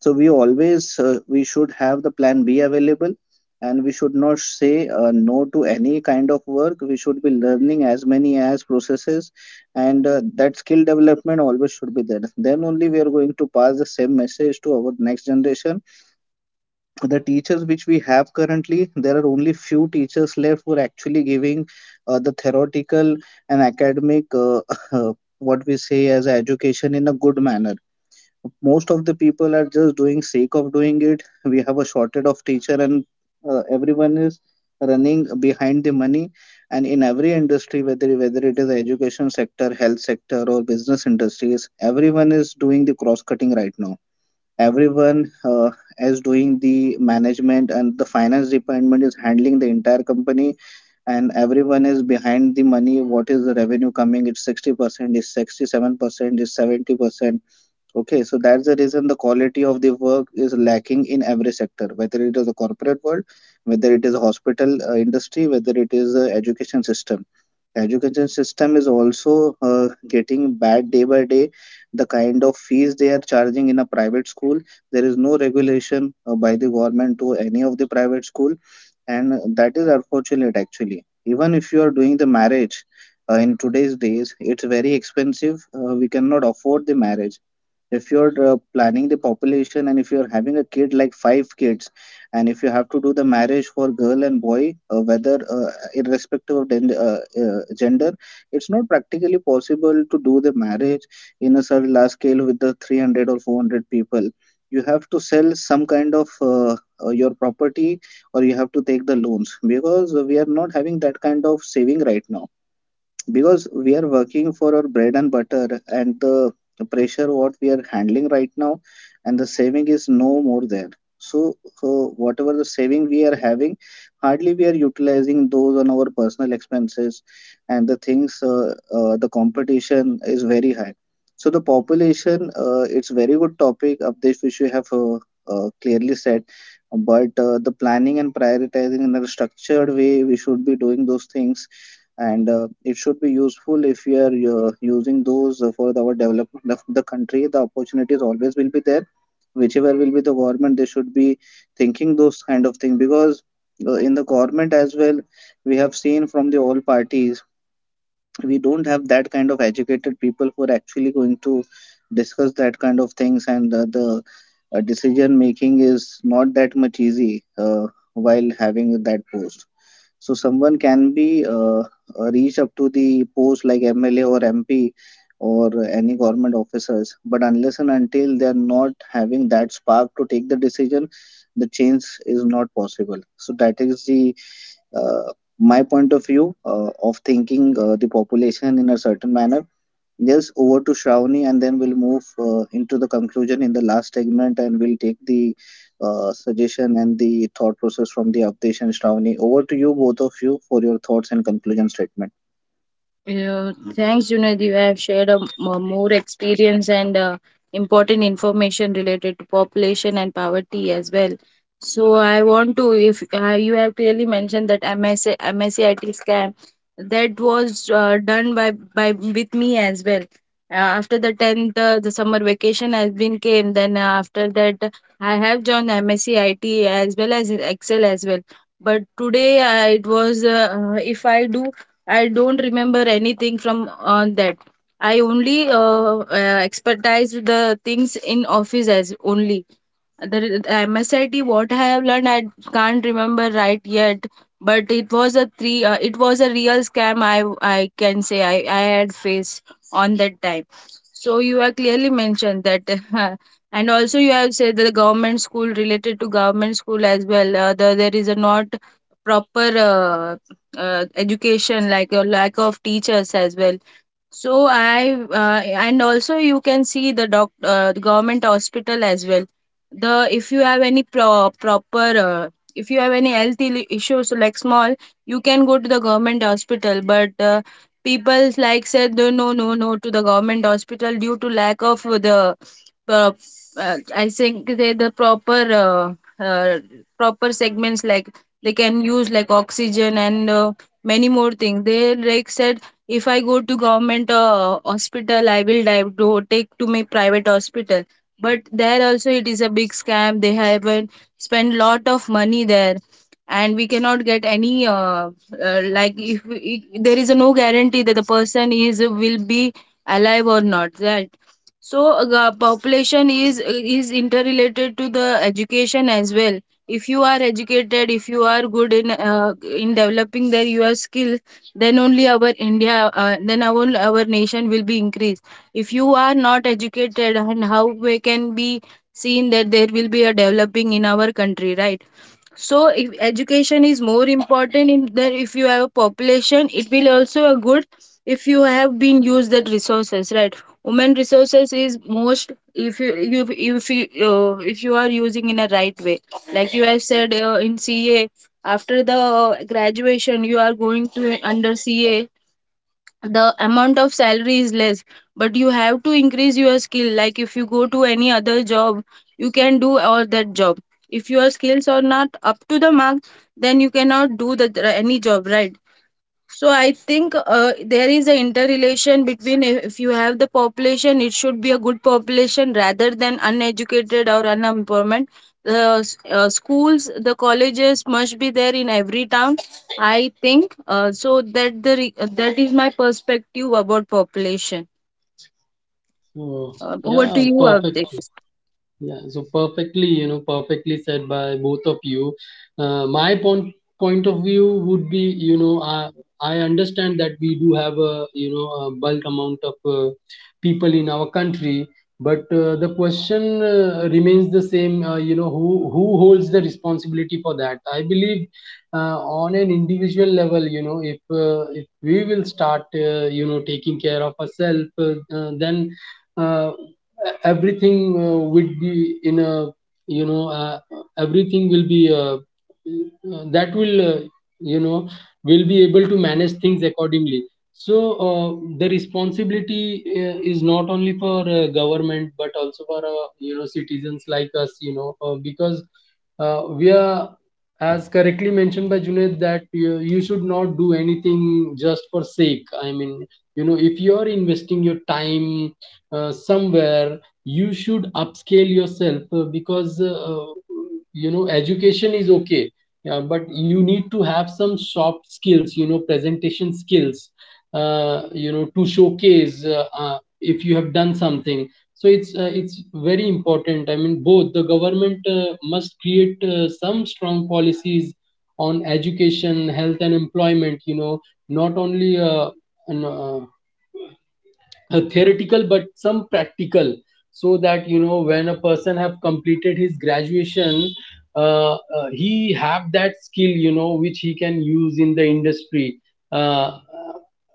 So we always we should have the plan B available, and we should not say no to any kind of work. We should be learning as many as processes, and that skill development always should be there. Then only we are going to pass the same message to our next generation. The teachers which we have currently, there are only few teachers left who are actually giving the theoretical and academic what we say as education in a good manner. Most of the people are just doing sake of doing it. We have a shortage of teacher, and everyone is running behind the money. And in every industry, whether it is education sector, health sector, or business industries, everyone is doing the cross cutting right now. Everyone is doing the management, and the finance department is handling the entire company, and everyone is behind the money. What is the revenue coming? It's 60%, it's 67%, it's 70%. Okay, so that's the reason the quality of the work is lacking in every sector, whether it is the corporate world, whether it is the hospital industry, whether it is the education system. The education system is also getting bad day by day. The kind of fees they are charging in a private school, there is no regulation by the government to any of the private school, and that is unfortunate actually. Even if you are doing the marriage in today's days, it's very expensive. We cannot afford the marriage if you're planning the population and if you're having a kid like 5 kids, and if you have to do the marriage for girl and boy, whether irrespective of gender, it's not practically possible to do the marriage in a certain large scale with the 300 or 400 people. You have to sell some kind of your property, or you have to take the loans because we are not having that kind of saving right now, because we are working for our bread and butter and the pressure what we are handling right now, and the saving is no more there. So so whatever the saving we are having, hardly we are utilizing those on our personal expenses. And the things, the competition is very high. So the population, it's very good topic update which we have clearly said. But the planning and prioritizing in a structured way, we should be doing those things. And it should be useful if we are using those for our development of the country. The opportunities always will be there, whichever will be the government. They should be thinking those kind of thing, because in the government as well, we have seen from the all parties, we don't have that kind of educated people who are actually going to discuss that kind of things. And the decision making is not that much easy while having that post. So someone can be reach up to the post like MLA or MP or any government officers, but unless and until they are not having that spark to take the decision, the change is not possible. So that is the uh, my point of view of thinking the population in a certain manner. Yes, over to Shravani, and then we'll move into the conclusion in the last segment, and we'll take the suggestion and the thought process from the Avdesh and Shravani. Over to you, both of you, for your thoughts and conclusion statement.
Yeah, thanks, Junaid. You have shared more experience and important information related to population and poverty as well. So I want to, if you have clearly mentioned that MSA, MSCIT scam, that was done by with me as well. After the 10th, the summer vacation has been came. Then after that, I have joined MSCIT as well as Excel as well. But today I it was if I do I don't remember anything from on that. I only expertise the things in office as only the the MSIT, what I have learned I can't remember right yet. But it was a three it was a real scam, I can say, I had faced on that time. So you are clearly mentioned that and also you have said that the government school, related to government school as well, there is a not proper education, like a lack of teachers as well. So I and also you can see the government hospital as well. The If you have any proper, if you have any health issues like small, you can go to the government hospital. But people like said no, no, no, no to the government hospital due to lack of the uh, I think they the uh, uh, proper segments, like they can use like oxygen and many more things. They like said, if I go to government hospital, I will do take to my private hospital. But there also it is a big scam. They have spent lot of money there, and we cannot get any like if there is a no guarantee that the person is will be alive or not. That. So population is interrelated to the education as well. If you are educated, if you are good in developing their your skill, then only our India then our nation will be increased. If you are not educated, and how we can be seen that there will be a developing in our country, right? So if education is more important in that if you have a population, it will also a good if you have been used that resources, right? Women resources is most. If you if, if you uh, if you are using in a right way, like you have said in CA, after the graduation you are going to under CA, the amount of salary is less, but you have to increase your skill, like if you go to any other job, you can do all that job. If your skills are not up to the mark, then you cannot do the any job, right? So I think there is an interrelation between, if you have the population, it should be a good population rather than uneducated or unemployment. The schools, the colleges must be there in every town. I think so that that is my perspective about population.
So
Over
yeah,
to you,
perfect.
Avdesh.
Yeah, so perfectly, you know, perfectly said by both of you. My point of view would be, you know, I understand that we do have, a you know, a bulk amount of people in our country, but the question remains the same. You know, who holds the responsibility for that? I believe on an individual level, you know, if we will start, you know, taking care of ourselves, then, uh, everything would be in a, you know, everything will be. That will, you know, will be able to manage things accordingly. So uh, the responsibility is not only for government but also for, you know, citizens like us, you know. Because we are, as correctly mentioned by Junaid, that you should not do anything just for sake. I mean, you know, if you are investing your time somewhere, you should upscale yourself, because, you know, education is okay, yeah, but you need to have some soft skills, you know, presentation skills, you know, to showcase, if you have done something. So it's, it's very important. I mean, both the government must create some strong policies on education, health and employment, you know, not only an, uh, theoretical, but some practical, so that, you know, when a person have completed his graduation, uh, uh, he have that skill, you know, which he can use in the industry. uh,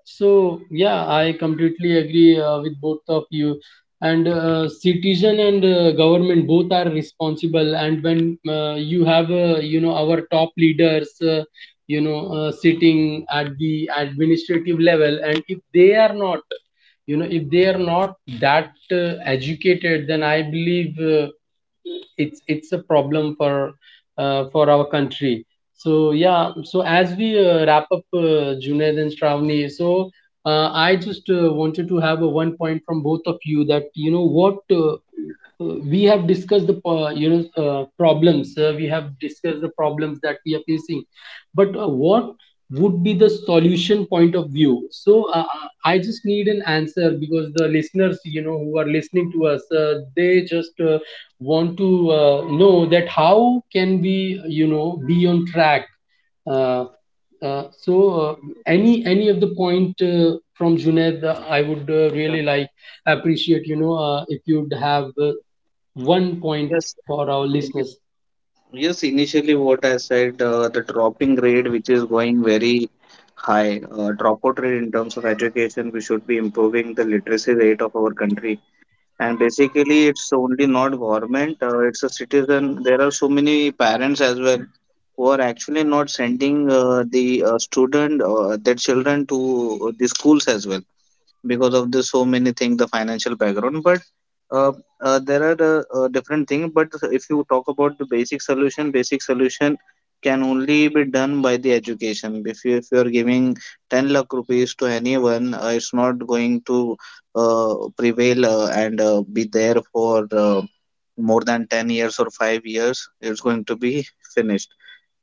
so yeah, I completely agree with both of you. And citizen and government both are responsible. And when you have, you know, our top leaders, you know, sitting at the administrative level, and if they are not, you know, if they are not that educated, then I believe it's a problem for our country. So yeah, so as we wrap up, Junaid and Shravani, so I just wanted to have a one point from both of you, that, you know, what we have discussed the, you know, problems, we have discussed the problems that we are facing, but what would be the solution point of view? So I just need an answer, because the listeners, you know, who are listening to us, they just want to know that how can we, you know, be on track. uh, so uh, any of the point, from Junaid, I would
Yeah.
really like, appreciate, you know, if you'd have one point
Yes.
for our
Yes,
listeners.
yes, initially what I said, the dropping rate which is going very high, dropout rate in terms of education, we should be improving the literacy rate of our country. And basically, it's only not government, it's a citizen. There are so many parents as well who are actually not sending the student their children to the schools as well, because of the so many things, the financial background. But uh, there are the, different things. But if you talk about the basic solution, basic solution can only be done by the education. If you if you are giving 10 lakh rupees to anyone, it's not going to prevail and be there for more than 10 years or 5 years. It's going to be finished.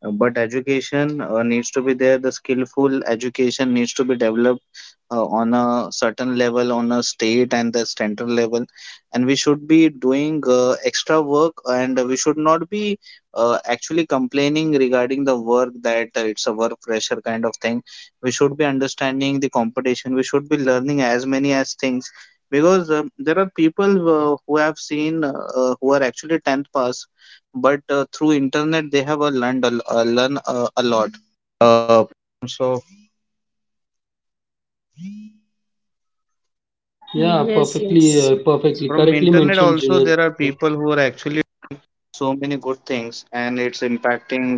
But education needs to be there. The skillful education needs to be developed on a certain level, on a state and the central level. And we should be doing extra work, and we should not be actually complaining regarding the work that it's a work pressure kind of thing. We should be understanding the competition. We should be learning as many as things, because there are people who have seen who are actually 10th pass, but through internet they have learned a. a
Yeah,
Yes,
perfectly,
yes,
perfectly, correctly mentioned, Junaid. Yeah.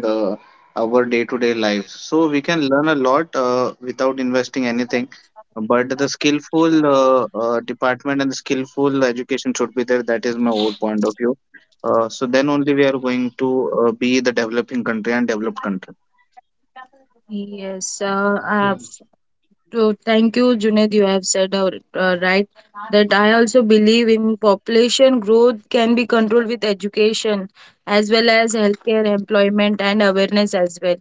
uh, our day-to-day life. So we can learn a lot without investing anything. But the skillful department and the skillful education should be there. That is my whole point of view. So then only we are going to be the developing country and developed country.
yes.
So.
So thank you, Junaid. You have said right, that I also believe in population growth can be controlled with education as well as healthcare, employment, and awareness as well.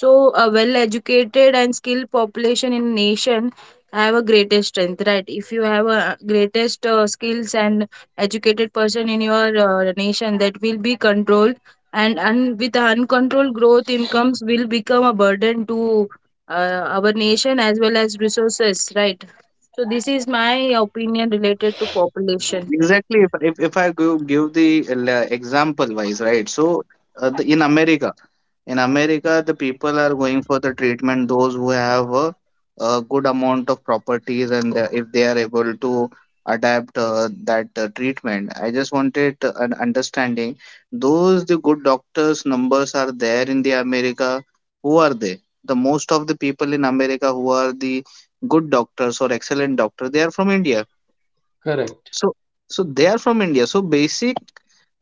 So a well-educated and skilled population in nation have a greatest strength, right? If you have a greatest skills and educated person in your nation, that will be controlled, and with uncontrolled growth, incomes will become a burden to our nation as well as resources, right? So this is my opinion related to population.
Exactly. If I go give the example wise, right? So, in America, the people are going for the treatment, those who have a good amount of properties, and if they are able to adapt that treatment. I just wanted an understanding. Those the good doctors numbers are there in the America. Who are they? The most of the people in America who are the good doctors or excellent doctor, they are from India.
Correct.
So, so they are from India. So basic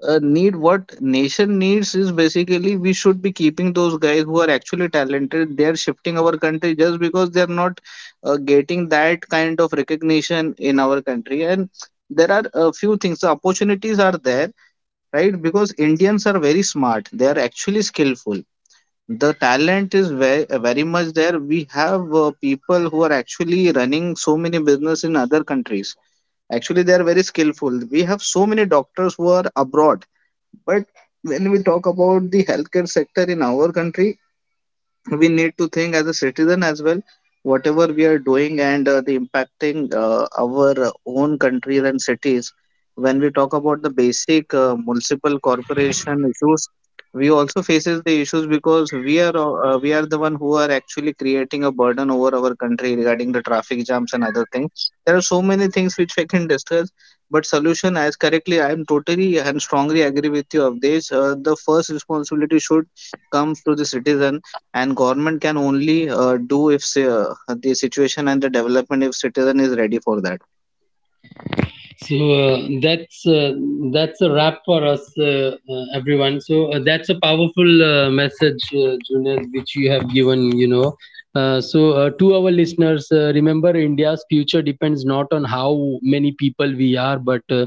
need what nation needs is basically we should be keeping those guys who are actually talented. They are shifting our country just because they are not getting that kind of recognition in our country. And there are a few things. The opportunities are there, right? Because Indians are very smart. They are actually skillful. The talent is very, very much there. We have people who are actually running so many business in other countries. Actually, they are very skillful. We have so many doctors who are abroad, but when we talk about the healthcare sector in our country, we need to think as a citizen as well, whatever we are doing and the impacting our own countries and cities. When we talk about the basic municipal corporation issues, we also faces the issues, because we are the one who are actually creating a burden over our country regarding the traffic jams and other things. There are so many things which we can discuss, but solution, as correctly, I am totally and strongly agree with you of this, the first responsibility should come to the citizen, and government can only do if the situation and the development if citizen is ready for that.
So that's, that's a wrap for us, everyone. So that's a powerful message, Junaid, which you have given. You know, so to our listeners, remember, India's future depends not on how many people we are, but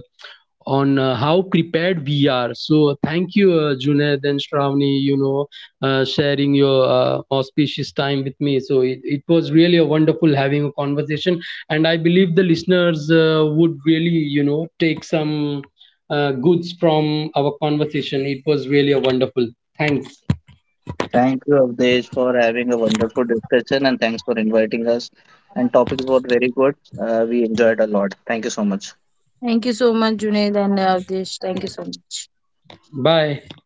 on how prepared we are. So thank you, Junaid and Shravani, you know, sharing your auspicious time with me. So it was really a wonderful having a conversation. And I believe the listeners would really, you know, take some goods from our conversation. It was really a wonderful. Thanks.
Thank you, Avdesh, for having a wonderful discussion, and thanks for inviting us. And topics were very good. We enjoyed a lot. Thank you so much.
Thank you so much, Junaid and Avdish. Thank you so much.
Bye.